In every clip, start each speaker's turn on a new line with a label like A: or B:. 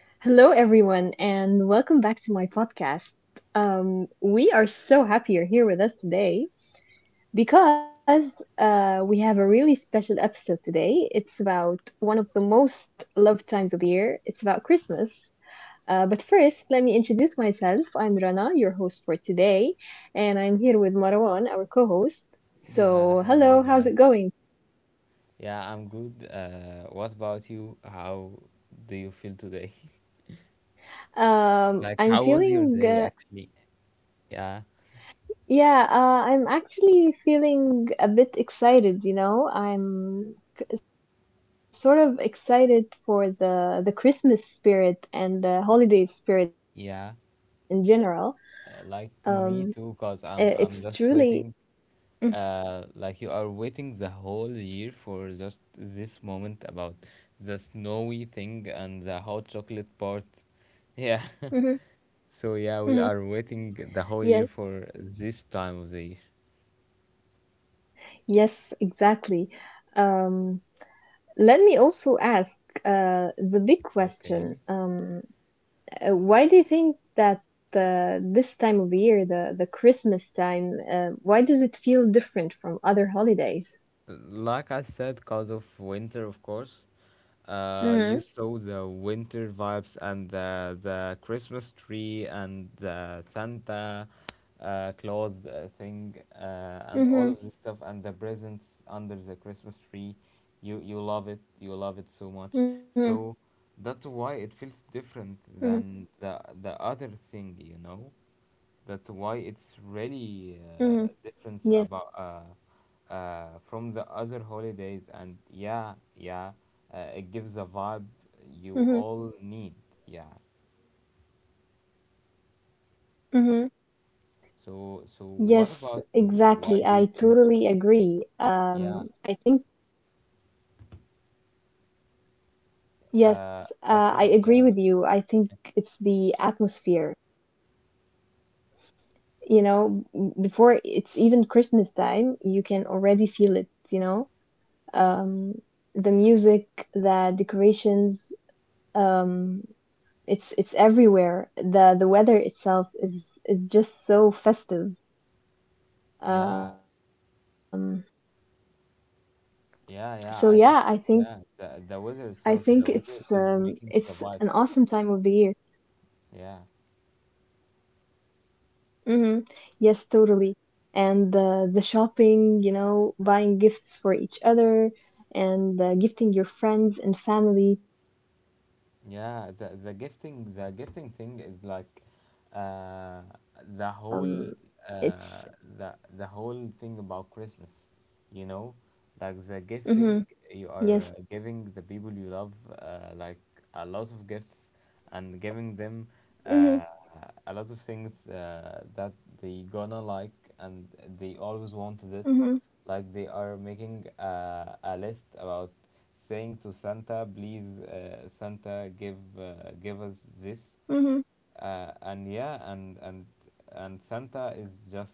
A: Hello, everyone, and welcome back to my podcast. We are so happy you're here with us today because we have a really special episode today. It's about one of the most loved times of the year. It's about Christmas. But first, let me introduce myself. I'm Rana, your host for today, and I'm here with Marwan, our co host.
B: Yeah,
A: So,
B: hello
A: hello,
B: guys.
A: how's it going?
B: Yeah, I'm good. What about you? How do you feel today? Like,
A: I'm
B: how was your
A: feeling
B: day actually? Yeah,
A: Yeah, I'm actually feeling a bit excited, you know. Sort of excited for the Christmas spirit and the holiday spirit in general.
B: yeah.
A: Um,
B: Like
A: it's
B: me too,
A: truly
B: cause I'm just
A: mm-hmm,
B: waiting. Like you are waiting the whole year for just this moment about the snowy thing and the hot chocolate part. Yeah.
A: mm-hmm.
B: So yeah, we are
A: Yes,
B: waiting the whole year for this time of the year.
A: yes, exactly. Um, Let me also ask the big question.
B: Okay.
A: Why do you think that this time of the year, the Christmas time, why does it feel different from other holidays?
B: Like I said, because of winter, of course, you
A: Mhm.
B: saw the winter vibes and the Christmas tree and the Santa Claus thing, and all
A: Mhm.
B: of this stuff and the presents under the Christmas tree. You love it.
A: Mhm.
B: You love it so much. So that's why it
A: Mhm.
B: feels different than the other thing. That's why
A: Mhm.
B: it's
A: Yes.
B: really different about from the other holidays, and yeah, yeah, it gives the vibe
A: Mhm.
B: you all need. Yeah.
A: Mhm. Yes, exactly. I
B: So,
A: totally
B: what
A: agree.
B: about you? Why do you think? Yeah.
A: Yes, I agree with you. I think it's
B: I
A: the
B: think. Yeah,
A: atmosphere. Before it's even Christmas time, you can already feel it, you know? um, the music, the decorations. Um, it's everywhere. The weather itself is just so festive. Um,
B: yeah,
A: so yeah, I think I think
B: yeah, yeah. I can.
A: it's
B: Yeah.
A: an
B: The
A: awesome
B: the
A: time
B: weather
A: of the
B: itself,
A: year.
B: the weather is making the vibes. Yeah.
A: Hmm. Yes, totally. And the shopping, you know, buying gifts for each other, and gifting your friends and family. Um, this is all
B: Yeah, the
A: just
B: the gifting the
A: Makes it
B: gifting thing
A: an
B: is like,
A: exciting time.
B: uh the
A: Um,
B: whole
A: it's
B: uh, the whole thing about Christmas, you know, like the
A: Mm-hmm,
B: gifting,
A: yes,
B: you are giving the people you love, like a lot of gifts, and giving them
A: mm-hmm,
B: uh, a lot of things that they gonna like and they always wanted it.
A: mm-hmm,
B: Like they are making a list about saying to Santa, please, Santa, give us this.
A: mm-hmm,
B: And yeah, and Santa is just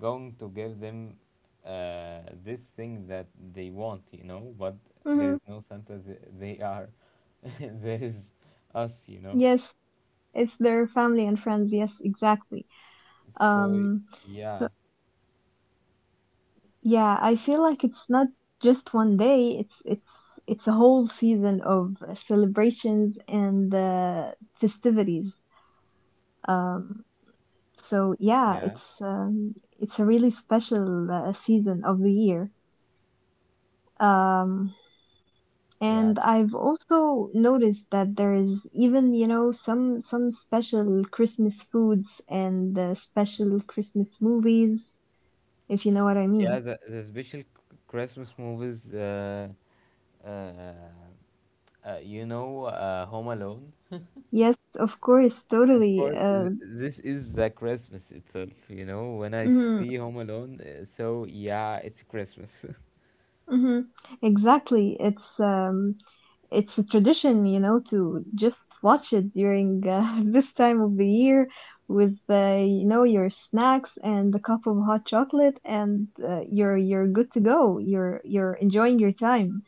B: going to give them this thing that they want you know but There
A: mm-hmm,
B: is no Santa. They are, there is us, you know.
A: yes, it's their family and friends. Yes, exactly.
B: So
A: Um,
B: yeah,
A: so yeah, I feel like it's not just one day. It's a whole season of celebrations and festivities. Um, so yeah,
B: yeah,
A: it's a really special season of the year. Um,
B: yeah,
A: And I've also noticed that there is even, you know, some special Christmas foods and special Christmas movies, if you know what I
B: yeah,
A: mean.
B: the special Christmas movies, uh, you know, Home Alone.
A: Yes, of course,
B: Of
A: totally.
B: course, this is the Christmas itself, you know. When I
A: Mhm,
B: see Home Alone, so yeah, it's Christmas.
A: mhm. Exactly. It's a tradition, you know, to just watch it during this time of the year with you know your snacks and a cup of hot chocolate, and you're good to go. You're enjoying your time.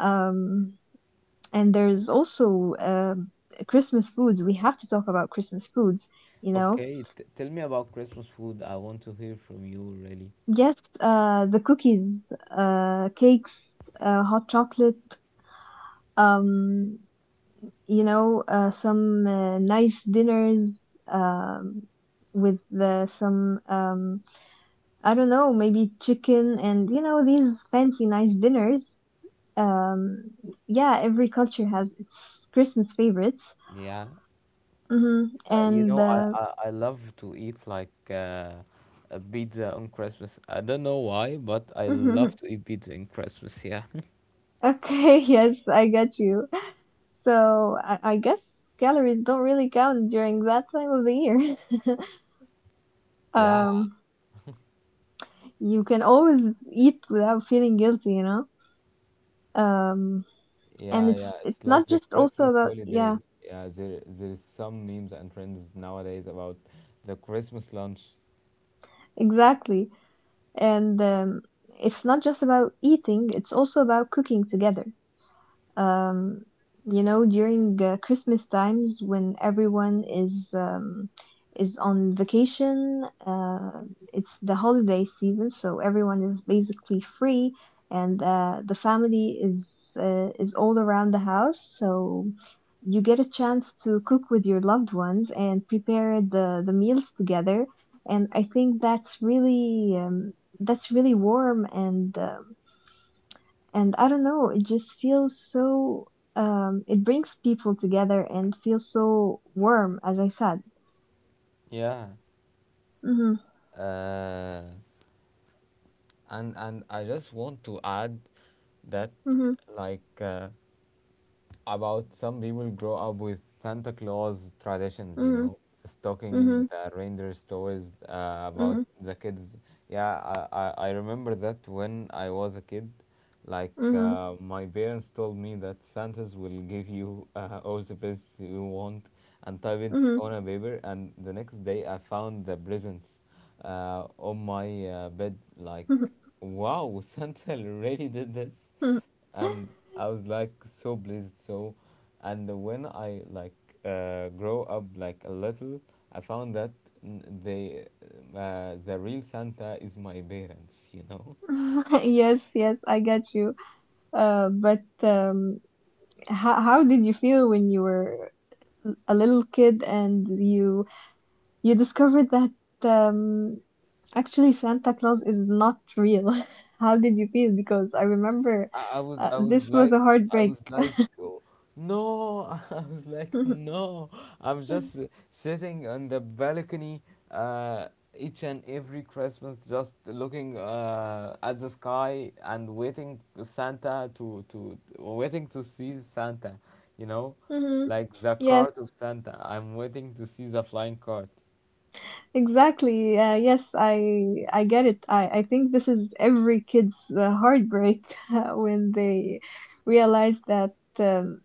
A: Um, and there's also Christmas foods. We have to talk about Christmas foods, you know.
B: Okay, tell me about Christmas food. I want to hear from you, really.
A: Yes, the cookies, cakes, hot chocolate, um, you know, some nice dinners um, with the, some, I don't know, maybe chicken and, you know, these fancy nice dinners. Um, yeah, every culture has its Christmas favorites.
B: Yeah,
A: Mm-hmm.
B: you
A: And
B: know, I, I I love to eat like, a pizza on Christmas. I don't know why, but I
A: Mhm.
B: love to eat pizza in Christmas. Yeah.
A: Okay, yes, I get you. I guess calories don't really count during that time of the year.
B: Yeah,
A: Um, you can always eat without feeling guilty, you know? Um, and
B: yeah, yeah.
A: it's
B: It's like
A: not
B: the
A: just also
B: Christmas
A: about yeah,
B: holiday. Yeah, there is some memes and trends nowadays about the Christmas lunch.
A: Exactly. And It's not just about eating, it's also about cooking together. um, you know, during Christmas times when everyone is on vacation, it's the holiday season, so everyone is basically free, and the family is all around the house, so you get a chance to cook with your loved ones and prepare the meals together, and I think that's really warm and I don't know, it just feels so, it brings people together and feels so warm, as I said.
B: Yeah.
A: Mhm,
B: uh and I just want to add that,
A: mhm,
B: like, about some people grow up with Santa Claus traditions, you
A: mhm,
B: know, stocking
A: mhm,
B: the reindeer stores, about the kids. Yeah, I remember that when I was a kid, like,
A: mhm,
B: my parents told me that Santas will give you all the presents you want and type it
A: mhm,
B: on a paper. And the next day, I found the presents on my bed. Like,
A: mhm,
B: wow, Santa really did this,
A: mhm.
B: and I was like so pleased. So, and when I, like, grow up like a little, I found that n- they the real Santa is my parents. You know.
A: Yes, yes, I get you. But How did you feel when you were a little kid and you discovered that um actually, Santa Claus is not real. How did you feel? Because I remember
B: I, I was I was
A: this was
B: like
A: a
B: I
A: heartbreak.
B: was like oh, no. I was like, no. I'm just sitting on the balcony, uh, each and every Christmas, just looking at the sky and waiting to Santa to, waiting to see Santa, you know,
A: Mhm.
B: like the
A: Yes,
B: cart of Santa, I'm waiting to see the flying cart.
A: exactly. Yes, I get it. I think this is every kid's heartbreak when they realize that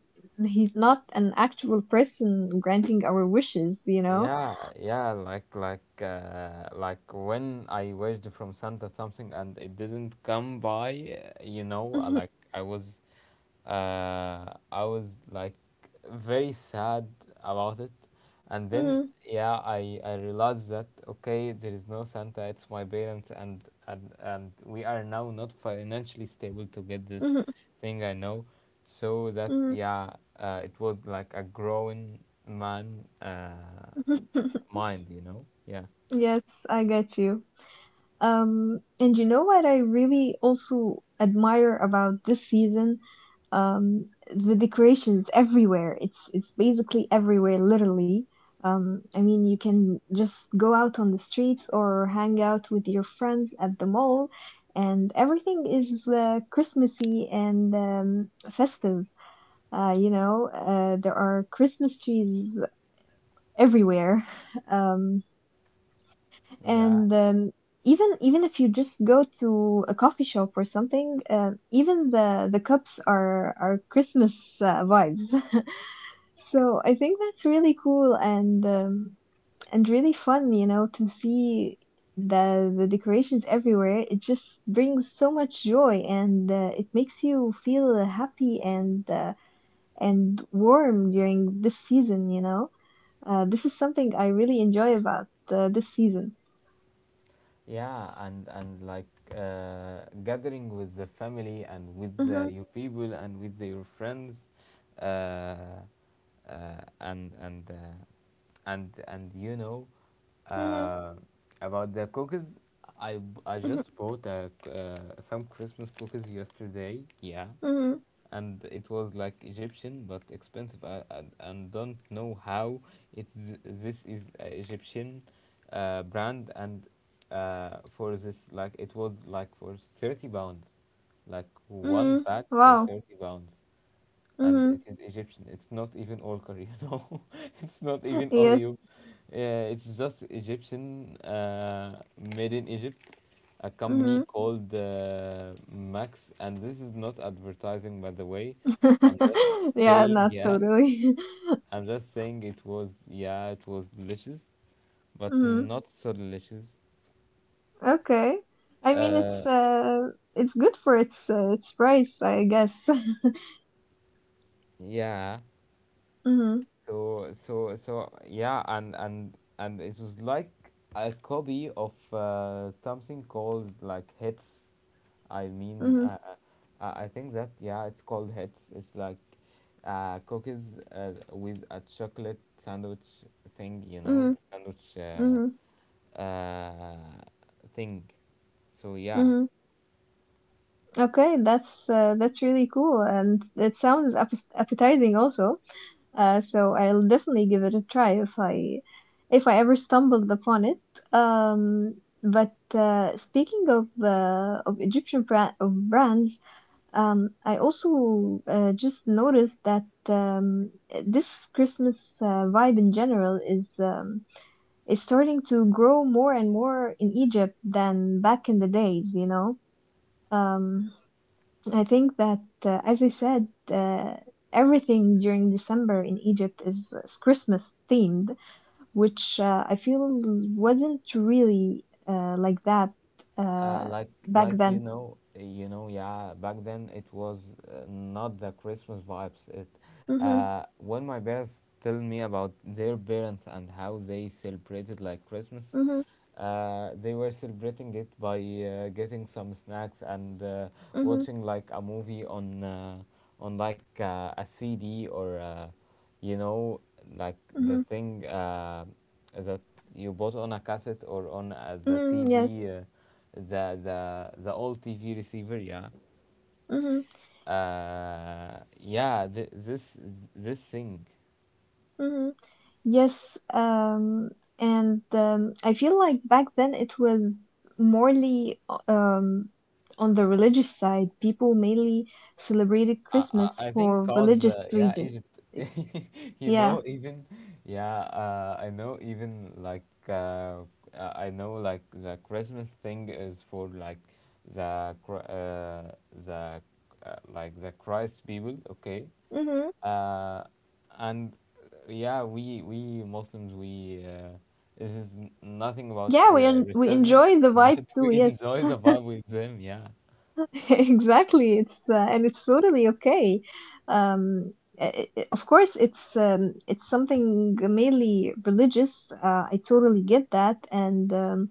A: he's not an actual person granting our wishes, you know?
B: Yeah, yeah, like when I wished from Santa something and it didn't come by. You know, I was like very sad about it, and then
A: Mhm,
B: yeah, I realized that, okay, there is no Santa, it's my parents, and we are now not financially stable to get this
A: mhm,
B: thing, I know, so that,
A: mhm,
B: yeah, it was like a growing man. Mind, you know. Yeah.
A: yes, I get you. And you know what I really also admire about this season? Um, the decorations everywhere. It's basically everywhere, literally. I mean, you can just go out on the streets or hang out with your friends at the mall, and everything is Christmassy and festive. There are Christmas trees everywhere. Um,
B: Yeah,
A: and Even even if you just go to a coffee shop or something even the cups are Christmas vibes so I think that's really cool, and really fun, you know, to see the decorations everywhere. It just brings so much joy, and it makes you feel happy and warm during this season, you know. This is something I really enjoy about this season.
B: yeah, and like, gathering with the family and with
A: Hmm.
B: your people and with your friends, uh, uh, and and uh, and you know,
A: Hmm.
B: uh, about the cookies. I just bought some Christmas cookies yesterday. Yeah,
A: Hmm.
B: and it was like Egyptian but expensive. And don't know how it's, this is Egyptian brand, and for this, like it was like for 30 pounds, like one
A: Hmm.
B: pack for
A: Wow.
B: 30 pounds, and it
A: Hmm.
B: is Egyptian. It's not even all Korean. No, it's not even
A: Yes.
B: Oreo. Uh, it's just Egyptian, made in Egypt, a
A: Hmm.
B: company called Max. And this is not advertising, by the way. I'm just
A: Yeah,
B: saying,
A: not
B: yeah.
A: totally.
B: I'm just saying, it was, yeah, it was delicious, but
A: Hmm.
B: not so delicious.
A: Okay. I mean,
B: Uh,
A: it's good for its price, I guess.
B: yeah.
A: Hmm.
B: So, yeah, and it was like a copy of something called, like, hits. I mean,
A: Hmm.
B: I think that, yeah, it's called hits. It's like, cookies with a chocolate sandwich thing, you know,
A: Hmm.
B: the sandwich
A: Hmm.
B: uh, uh, thing. So yeah.
A: Hmm. Okay, that's really cool, and it sounds appetizing also. So I'll definitely give it a try if I ever stumbled upon it. But Speaking of Egyptian brands, I also just noticed that this Christmas vibe in general is starting to grow more and more in Egypt than back in the days, you know. Um, I think that, as I said, everything during December in Egypt is Christmas themed, which I feel wasn't really like that uh,
B: Like
A: back
B: like you
A: then.
B: know you know yeah, back then it was, not the Christmas vibes. It
A: Hmm.
B: When my parents tell me about their parents and how they celebrated, like, Christmas,
A: Hmm.
B: they were celebrating it by getting some snacks and
A: Hmm.
B: watching like a movie on, a CD, or you know, like the
A: Hmm.
B: thing that you bought on a cassette or on, the
A: Hmm. Yes.
B: TV, the old TV receiver. Yeah,
A: Hmm.
B: yeah. This thing.
A: Hmm. Yes. And I feel like back then it was morely um, on the religious side. People mainly celebrated
B: I,
A: Christmas
B: I think,
A: for
B: cause
A: religious
B: yeah,
A: region.
B: Egypt, you
A: Yeah.
B: know, even yeah, I know, even like, I know, like, the Christmas thing is for like, the Chri- the like the Christ people, okay.
A: Hmm.
B: uh, and yeah, we Muslims, we this is nothing about
A: Yeah, we
B: racism,
A: enjoy the vibe
B: but
A: too.
B: we
A: Yes,
B: enjoy the vibe with them. Yeah,
A: exactly. It's and it's totally okay. Um, of course, it's something mainly religious. I totally get that, and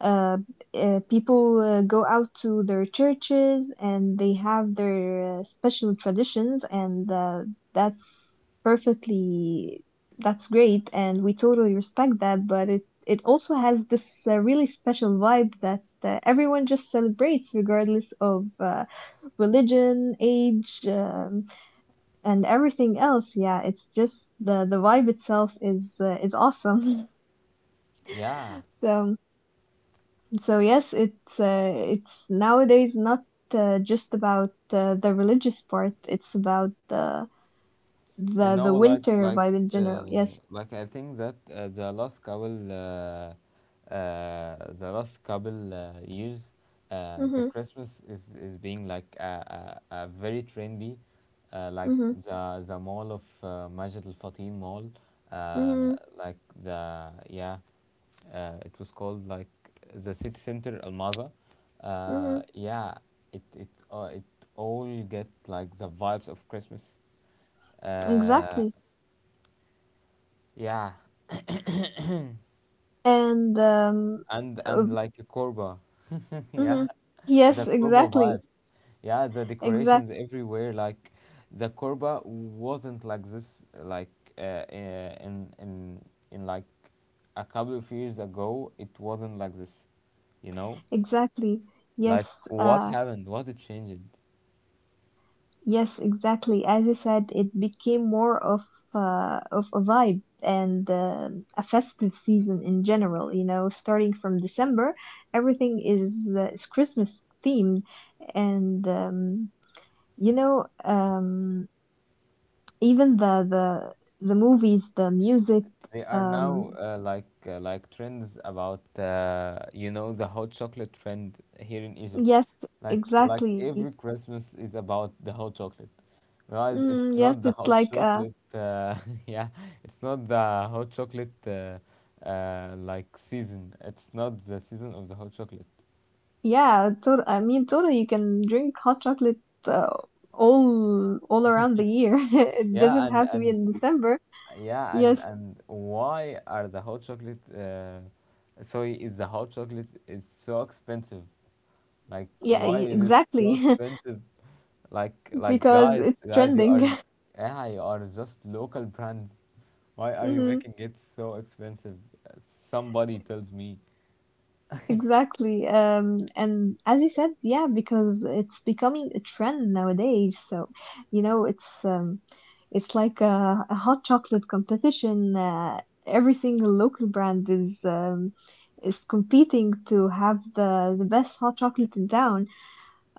A: uh, people go out to their churches and they have their special traditions, and that's perfectly, that's great, and we totally respect that, but it also has this really special vibe that everyone just celebrates regardless of religion, age, and everything else. Yeah, it's just the vibe itself is awesome.
B: yeah.
A: So so yes, it's nowadays not just about the religious part. It's about the
B: You
A: the
B: know,
A: the winter vibe in
B: uh,
A: general. Yes.
B: like, I think that the last couple years, the
A: Mhm.
B: Christmas is being like a very trendy, like,
A: Mhm.
B: the mall of, Majid Al Fatim Mall, uh,
A: Mhm.
B: like, the yeah it was called like the city center Al Maza.
A: Mhm.
B: Yeah, it all get like the vibes of Christmas. uh,
A: Exactly.
B: yeah,
A: And.
B: and
A: Uh,
B: and like a Korba. Yeah,
A: mhm. Yes.
B: the Korba
A: Exactly.
B: vibes. Yeah, the
A: Exact.
B: decorations everywhere. Like, the Korba wasn't like this. Like, uh, uh, in in in like a couple of years ago, it wasn't like this, you know.
A: Exactly.
B: Like,
A: Yes.
B: what happened? What it changed?
A: Yes, exactly. As I said, it became more of a vibe and a festive season in general. You know, starting from December, everything is Christmas themed, and you know, um, even the movies, the music.
B: They are now
A: Um,
B: like, like, trends about, you know, the hot chocolate trend here in Egypt.
A: yes,
B: Like
A: exactly.
B: every Christmas is about the hot chocolate, whereas it's
A: Mm, yes,
B: not the
A: it's
B: hot
A: like
B: chocolate. Yeah, it's not the hot chocolate, like, season. It's not the season of the hot chocolate.
A: yeah, tot I mean, totally, you can drink hot chocolate uh, all around the year. It
B: Yeah,
A: doesn't
B: and
A: have to be
B: and
A: in December.
B: yeah, and
A: Yes,
B: and why are the hot chocolate soy is the hot chocolate is so expensive? Like,
A: yeah,
B: why is it so
A: exactly,
B: expensive? Like,
A: because
B: guys,
A: it's
B: guys,
A: trending.
B: yeah, you are just local brands. Why are you
A: Mhm.
B: making it so expensive? Uh, Somebody tells me.
A: Exactly. And as you said, yeah, because it's becoming a trend nowadays. So, you know, it's like a hot chocolate competition. Every single local brand is competing to have the best hot chocolate in town.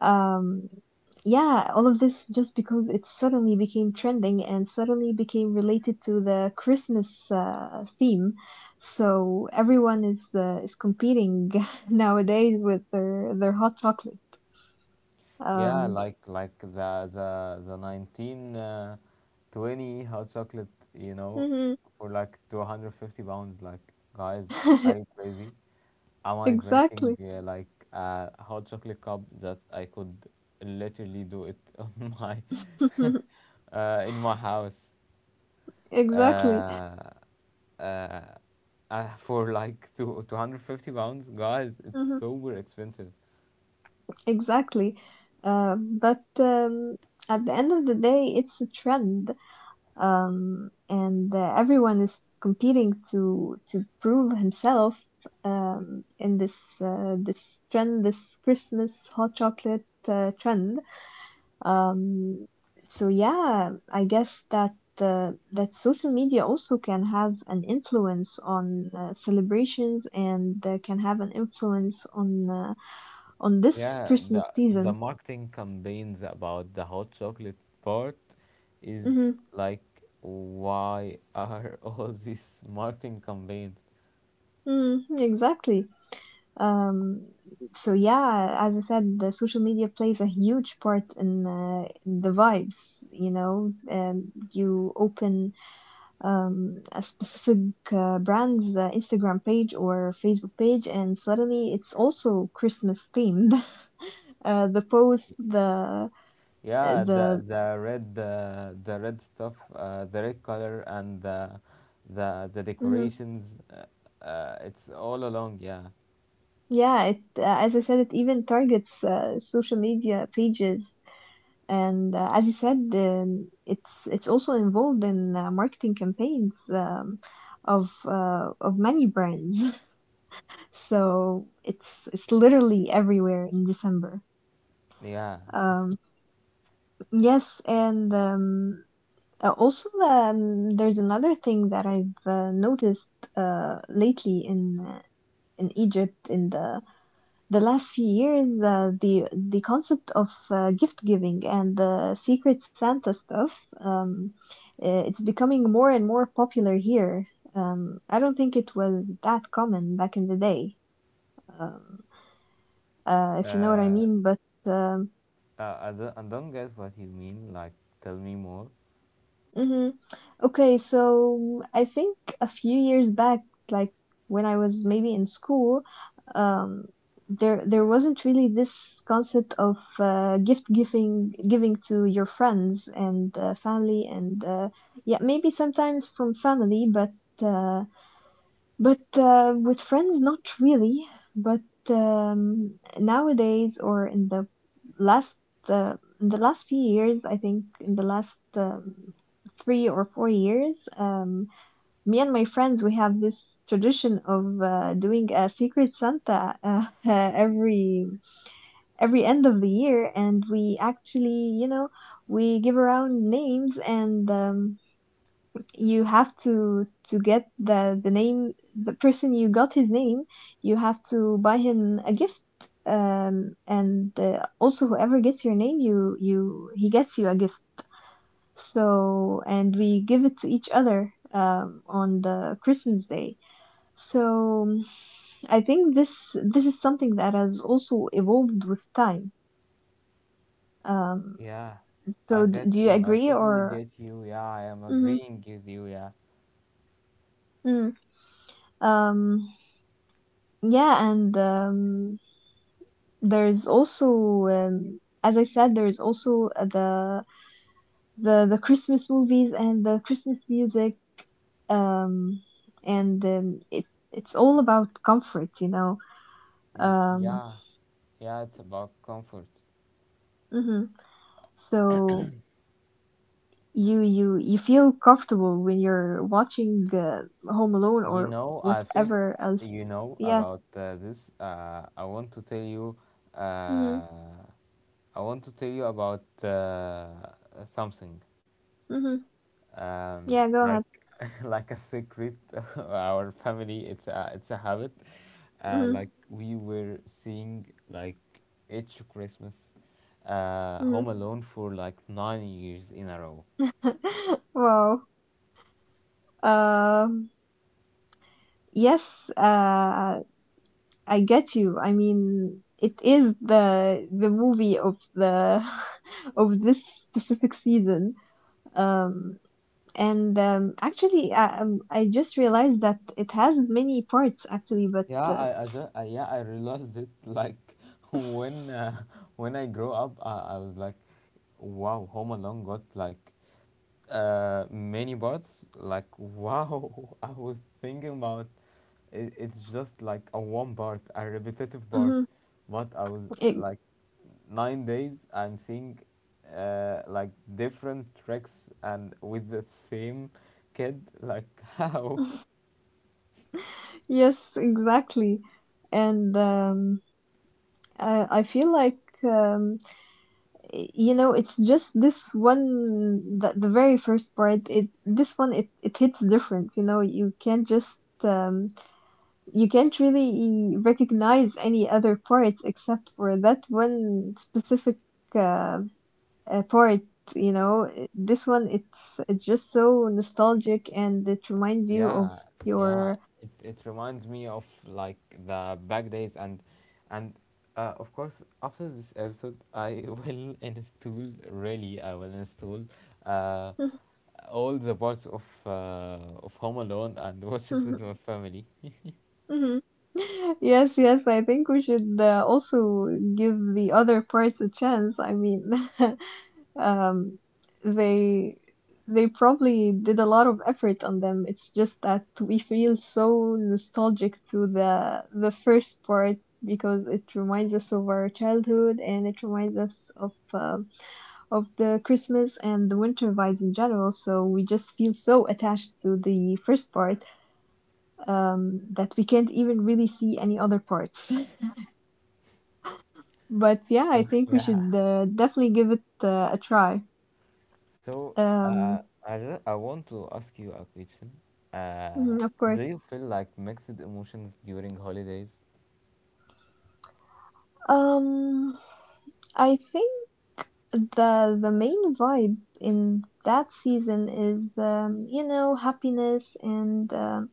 A: Um, yeah, all of this just because it suddenly became trending and suddenly became related to the Christmas theme. So everyone is competing nowadays with their hot chocolate.
B: Yeah,
A: Um,
B: like, the nineteen twenty hot chocolate, you know,
A: mhm.
B: for like 250 pounds. Like, guys, are you crazy? Am I drinking,
A: Exactly,
B: like, a hot chocolate cup that I could literally do it on my in my house,
A: exactly,
B: uh, uh, for like two 250 pounds? Guys, it's
A: mhm,
B: super expensive.
A: exactly. But At the end of the day, it's a trend, and everyone is competing to prove himself in this this trend, this Christmas hot chocolate trend. Um, so yeah, I guess that that social media also can have an influence on celebrations and can have an influence on this
B: Yeah, the
A: Christmas
B: the
A: season.
B: marketing campaigns about the hot chocolate part is
A: Hmm.
B: like, why are all these marketing campaigns?
A: Hmm. Exactly. Um, so yeah, as I said, the social media plays a huge part in the vibes. You know, and you open a specific brand's Instagram page or Facebook page, and suddenly it's also Christmas themed. The post,
B: Yeah, the
A: the
B: the red, the red stuff, the red color and the
A: Mhm.
B: decorations. It's all along. Yeah,
A: Yeah, it as I said, it even targets social media pages. And as you said, it's also involved in marketing campaigns of many brands. So it's literally everywhere in December.
B: yeah.
A: Um, yes, and also there's another thing that I've noticed lately in Egypt in the last few years, the concept of gift giving and the Secret Santa stuff, it's becoming more and more popular here. I don't think it was that common back in the day, um, if you know what I
B: Uh,
A: mean. But um,
B: I don't get what you mean. Like, tell me more.
A: mhm. Okay, so I think a few years back, like when I was maybe in school, um, there wasn't really this concept of gift giving to your friends and family, and yeah, maybe sometimes from family, but uh, with friends, not really. But nowadays, or in the last last few years, I think in the last 3 or 4 years, me and my friends, we have this tradition of doing a secret Santa, every end of the year. And we actually, we give around names and. You have to get the name, the person you got his name, you have to buy him a gift, and also whoever gets your name, you he gets you a gift. So, and we give it to each other on the Christmas Day. so um, I think this is something that has also evolved with time. um
B: Yeah, I
A: so do
B: get
A: you
B: you. I
A: agree,
B: totally
A: or?
B: get you. Yeah, I am
A: Mm-hmm.
B: agreeing with you. Yeah.
A: Mm. um yeah. and There's also, as I said, there's also the Christmas movies and the Christmas music, um, and it's all about comfort.
B: Mm,
A: Um,
B: yeah, yeah. It's about comfort.
A: mhm. So you feel comfortable when you're watching Home Alone
B: You
A: or
B: know, I feel,
A: whatever else.
B: you know
A: Yeah.
B: about this. I want to tell you.
A: Mhm.
B: Uh, I want to tell you about something,
A: Mhm.
B: um,
A: Yeah. Go
B: like,
A: ahead.
B: like a secret of our family. It's a habit.
A: Mhm.
B: Like, we were seeing, like, each Christmas,
A: Mhm.
B: Home Alone for like 9 years in a row.
A: Wow. Um. Yes. I get you. I mean, it is the movie of the of this specific season. Um, and actually, I just realized that it has many parts, actually, but
B: Yeah, yeah, I realized it, like, when uh, when I grow up, I was like, wow, Home Alone got like many parts, like, wow. I was thinking about it's just like a one part, a repetitive part,
A: mhm.
B: but I was,
A: it-
B: like, 9 days I'm seeing, like, different tricks and with the same kid, like, how.
A: yes, exactly. And I feel like, um, you know, it's just this one, the very first part. It this one it it hits different. You know, you can't just you can't really recognize any other parts except for that one specific uh, part, you know. This one, it's just so nostalgic, and it reminds you of
B: Yeah, yeah.
A: your
B: It reminds me of like the back days and of course after this episode I will install really, I will install uh all the parts of Home Alone and watch it with my family.
A: yes, yes, I think we should also give the other parts a chance, I mean. um, they they probably did a lot of effort on them. It's just that we feel so nostalgic to the first part, because it reminds us of our childhood, and it reminds us of the Christmas and the winter vibes in general. So we just feel so attached to the first part, that we can't even really see any other parts. But yeah, I
B: So
A: think we
B: yeah.
A: should definitely give it a try.
B: So uh
A: Um,
B: I want to ask you a question. Uh,
A: mhm, of course.
B: do you feel like mixed emotions during holidays?
A: Um, I think the main vibe in that season is, you know, happiness,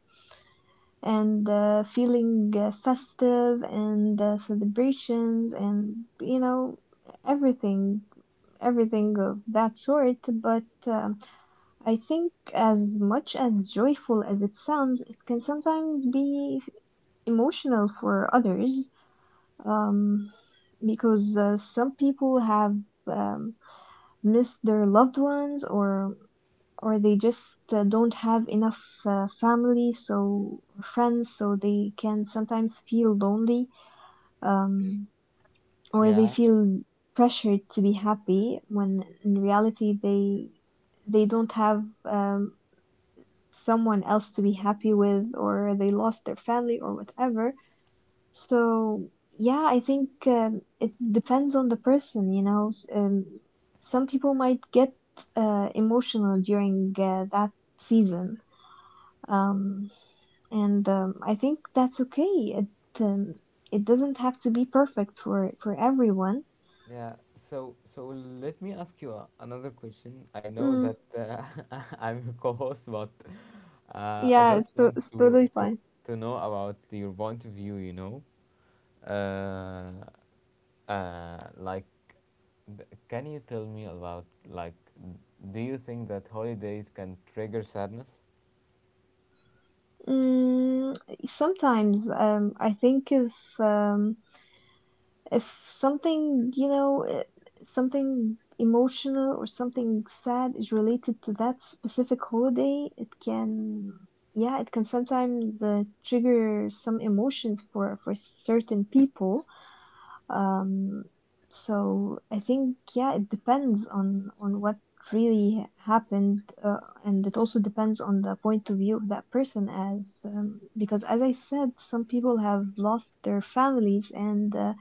A: and feeling festive, and celebrations and, everything everything of that sort. But I think, as much as joyful as it sounds, it can sometimes be emotional for others, um, because some people have um, missed their loved ones, or they just don't have enough family, so friends, so they can sometimes feel lonely, um, or they
B: Yeah,
A: feel pressured to be happy when in reality they don't have someone else to be happy with, or they lost their family or whatever. So, yeah, I think, it depends on the person, you know. Some people might get emotional during that season, um, and I think that's okay. It um, it doesn't have to be perfect for everyone.
B: yeah, so let me ask you another question. I know
A: Mm,
B: that I'm your co-host, but I
A: yeah,
B: just want
A: it's
B: to
A: totally
B: to
A: fine.
B: to know about your point of view, you know. Uh, like, can you tell me about, like, do you think that holidays can trigger sadness?
A: Mm, sometimes, I think, if um, if something you know eh, something emotional or something sad is related to that specific holiday, it can, yeah, it can sometimes trigger some emotions for certain people. um so I think, yeah, it depends on what really happened, and it also depends on the point of view of that person, as because, as I said, some people have lost their families, and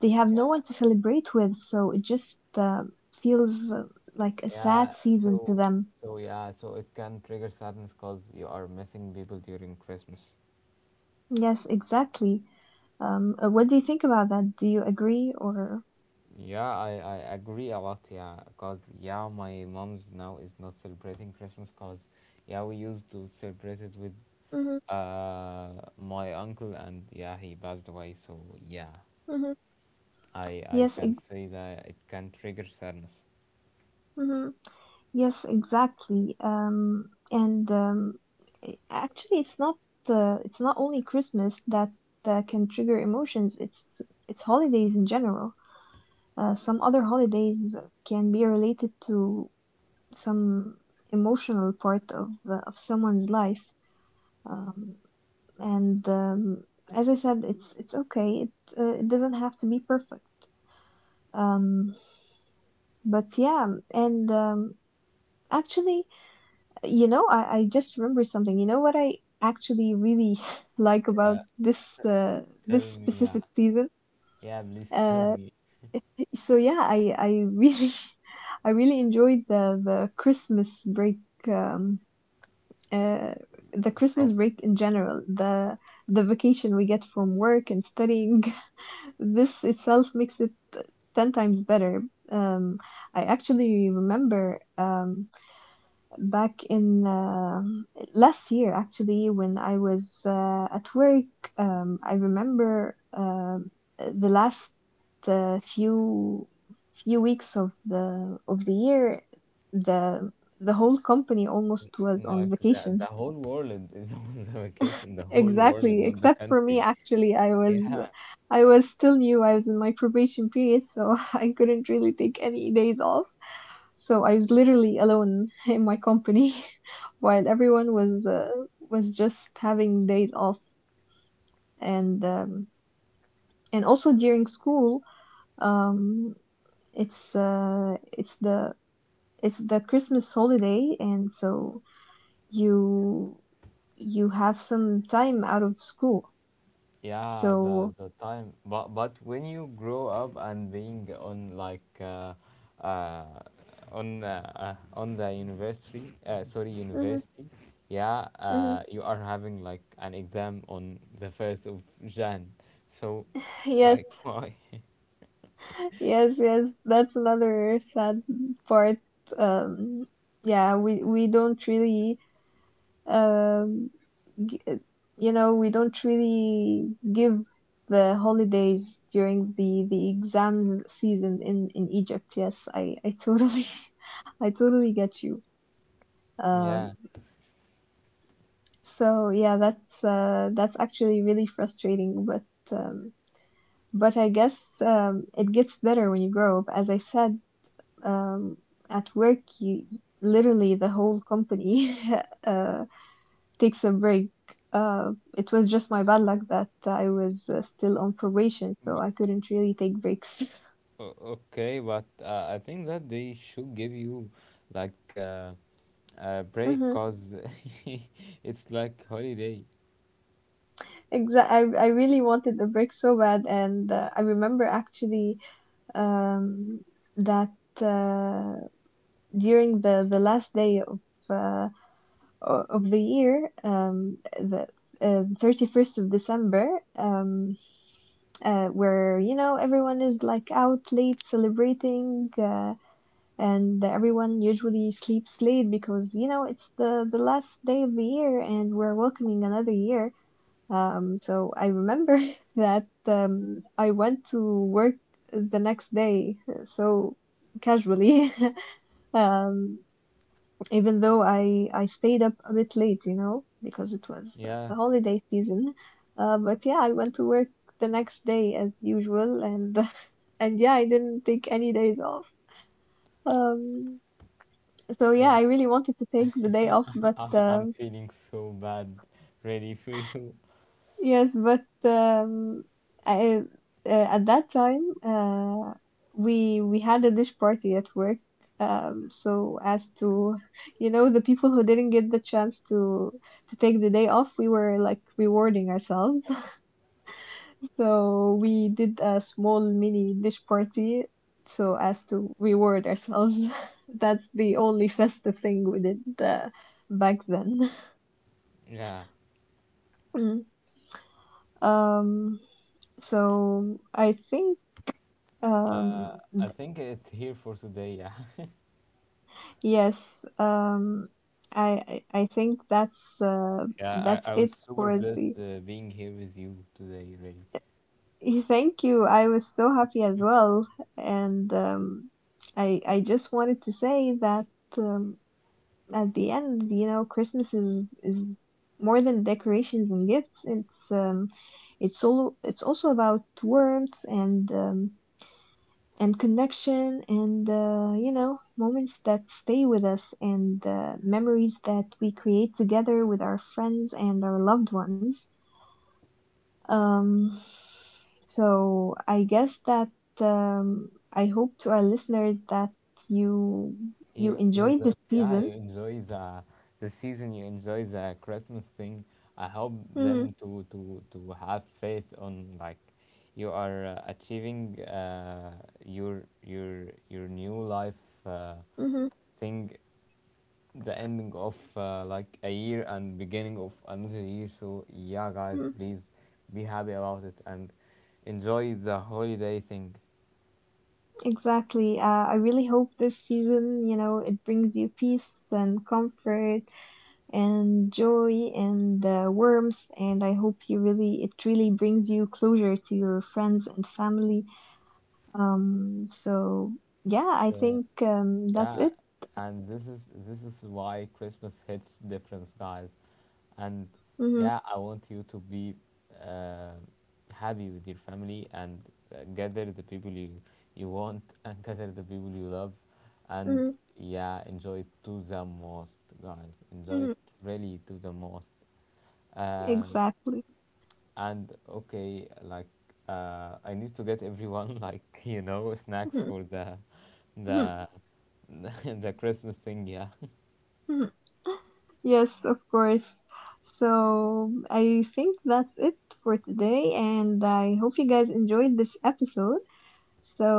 A: they have
B: Yeah,
A: no one to celebrate with, so it just feels like a sad
B: yeah.
A: season to
B: So,
A: them.
B: so yeah, so it can trigger sadness because you are missing people during Christmas.
A: Yes, exactly. What do you think about that? Do you agree, or?
B: Yeah, I agree a lot. Yeah, because yeah, my mom's now is not celebrating Christmas because yeah, we used to celebrate it with
A: Hmm.
B: uh my uncle, and yeah, he passed away. So yeah,
A: Hmm.
B: I
A: Yes,
B: can't say that it can trigger sadness.
A: mhm. Yes, exactly. Actually, it's not the it's not only Christmas that can trigger emotions. It's holidays in general. Some other holidays can be related to some emotional part of someone's life, um, and as I said, it's okay. It doesn't have to be perfect, um, but yeah. and actually, you know, I just remember something. You know what I actually really like about
B: Yeah,
A: this this
B: tell me. Yeah,
A: specific season.
B: yeah, please tell
A: uh,
B: me
A: so yeah, I really I really enjoyed the Christmas break, um, uh, the
B: from
A: Christmas break in general, the vacation we get from work and studying. This itself makes it 10 times better. Um, I actually remember, back in last year, actually, when I was at work, I remember, the last uh, few few weeks of the year, the the whole company almost was on
B: like
A: vacation.
B: the whole world is on the vacation. The whole world is
A: Exactly.
B: not the
A: Except for me,
B: country.
A: actually,
B: Yeah,
A: I was still new. I was in my probation period, so I couldn't really take any days off. So I was literally alone in my company while everyone was just having days off. and um, and also, during school, um, it's uh, it's the it's the Christmas holiday, and so you you have some time out of school.
B: yeah,
A: So,
B: the time, but when you grow up and being on like uh, on the university, sorry,
A: mhm,
B: university, yeah,
A: mhm.
B: you are having like an exam on the 1st of Jan, so
A: Yes,
B: like why?
A: yes, yes. That's another sad part. Um, yeah, we don't really, um, g- uh, you know, we don't really give the holidays during the exams season in Egypt. Yes, I totally I totally get you.
B: Yeah.
A: Um, so yeah, that's actually really frustrating, but um, I guess, it gets better when you grow up. As I said, um, at work, you literally the whole company uh, takes a break. It was just my bad luck that I was still on probation, so
B: b-
A: I couldn't really take breaks.
B: o- Okay, but I think that they should give you like a break,
A: Mm-hmm.
B: cause it's like holiday.
A: Exactly. I really wanted a break so bad, and I remember, actually, um, that uh, during the last day of uh, of the year, the 31st of December, um, where, you know, everyone is like out late celebrating, and everyone usually sleeps late because, you know, it's the last day of the year, and we're welcoming another year. So I remember that I went to work the next day, so casually, um even though I stayed up a bit late, you know, because it was
B: Yeah.
A: the holiday season. But yeah, I went to work the next day as usual, and and yeah, I didn't take any days off. Um, so yeah,
B: Yeah.
A: I really wanted to take the day off, but
B: I'm feeling so bad. Ready for you?
A: yes, but I, at that time, we had a dish party at work. So as to, you know, the people who didn't get the chance to take the day off, we were like rewarding ourselves. So we did a small mini dish party so as to reward ourselves. That's the only festive thing we did, back then.
B: Yeah.
A: Mm. Um, so I think...
B: Uh,
A: Um,
B: I think it's here for today. Yeah.
A: yes, I think
B: Yeah.
A: that's
B: I was
A: it
B: super
A: for
B: blessed
A: the.
B: being here with you today. Really.
A: Thank you. I was so happy as well, and I just wanted to say that, um, at the end, you know, Christmas is more than decorations and gifts. It's also about warmth and, connection, and you know, moments that stay with us, and memories that we create together with our friends and our loved ones. um, so I guess that, I hope, to our listeners, that you you
B: You
A: enjoyed this
B: guys. Yeah.
A: season.
B: You enjoy the season. You enjoy the Christmas thing. I help
A: Mm.
B: them to have faith on like you are achieving your new life uh,
A: Hmm.
B: thing, the ending of like a year and beginning of another year. So yeah, guys,
A: Mm.
B: please be happy about it and enjoy the holiday thing.
A: Exactly. I really hope this season, you know, it brings you peace and comfort and joy and warmth, and I hope you really it really brings you closure to your friends and family. So yeah, I think
B: So
A: that's
B: yeah,
A: it.
B: and this is why Christmas hits different, guys. And
A: Hmm.
B: yeah, I want you to be uh, happy with your family, and gather the people you you want and gather the people you love, and
A: Hmm.
B: yeah, enjoy it to the most, guys. Enjoy
A: Hmm.
B: it really to the most. Um,
A: Exactly.
B: and okay, like I need to get everyone like you know snacks
A: Mhm,
B: for
A: mhm,
B: the the Christmas thing. Yeah.
A: mhm. Yes, of course. So I think that's it for today, and I hope you guys enjoyed this episode. So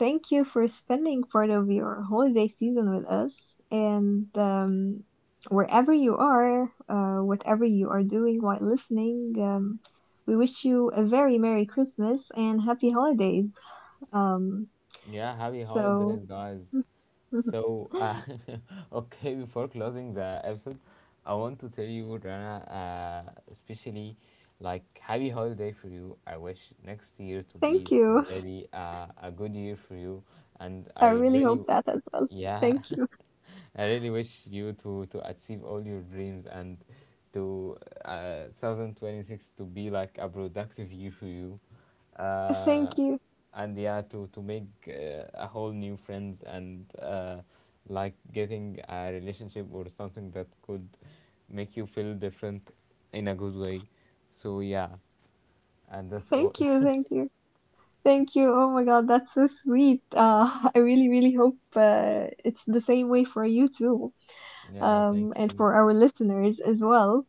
A: thank you for spending part of your holiday season with us. And wherever you are, whatever you are doing while listening, we wish you a very Merry Christmas and Happy Holidays. Um,
B: Yeah, happy
A: so
B: holidays, guys. So, okay, before closing the episode, I want to tell you, Rana, especially like happy holiday for you. I wish next year to be
A: thank you.
B: really a good year for you, and
A: I
B: I
A: really
B: really,
A: hope that as well.
B: yeah,
A: Thank you.
B: I really wish you to achieve all your dreams and to 2026 to be like a productive year for you. Uh,
A: Thank you.
B: and yeah, to make a whole new friends and like getting a relationship or something that could make you feel different in a good way, so yeah, and that's all.
A: Thank you. Thank you. Thank you. Oh my God, that's so sweet. I really, really hope, it's the same way for you too,
B: Yeah, thank
A: and
B: you.
A: for our listeners as well.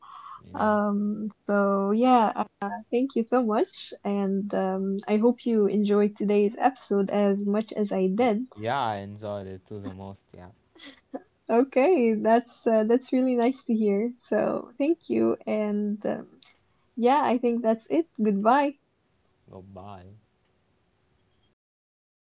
B: Yeah.
A: So, yeah, thank you so much. And I hope you enjoyed today's episode as much as I
B: Y-
A: did.
B: yeah, I enjoyed it to the most. Yeah,
A: Okay, that's really nice to hear. So, thank you. And yeah, I think that's it. Goodbye.
B: goodbye.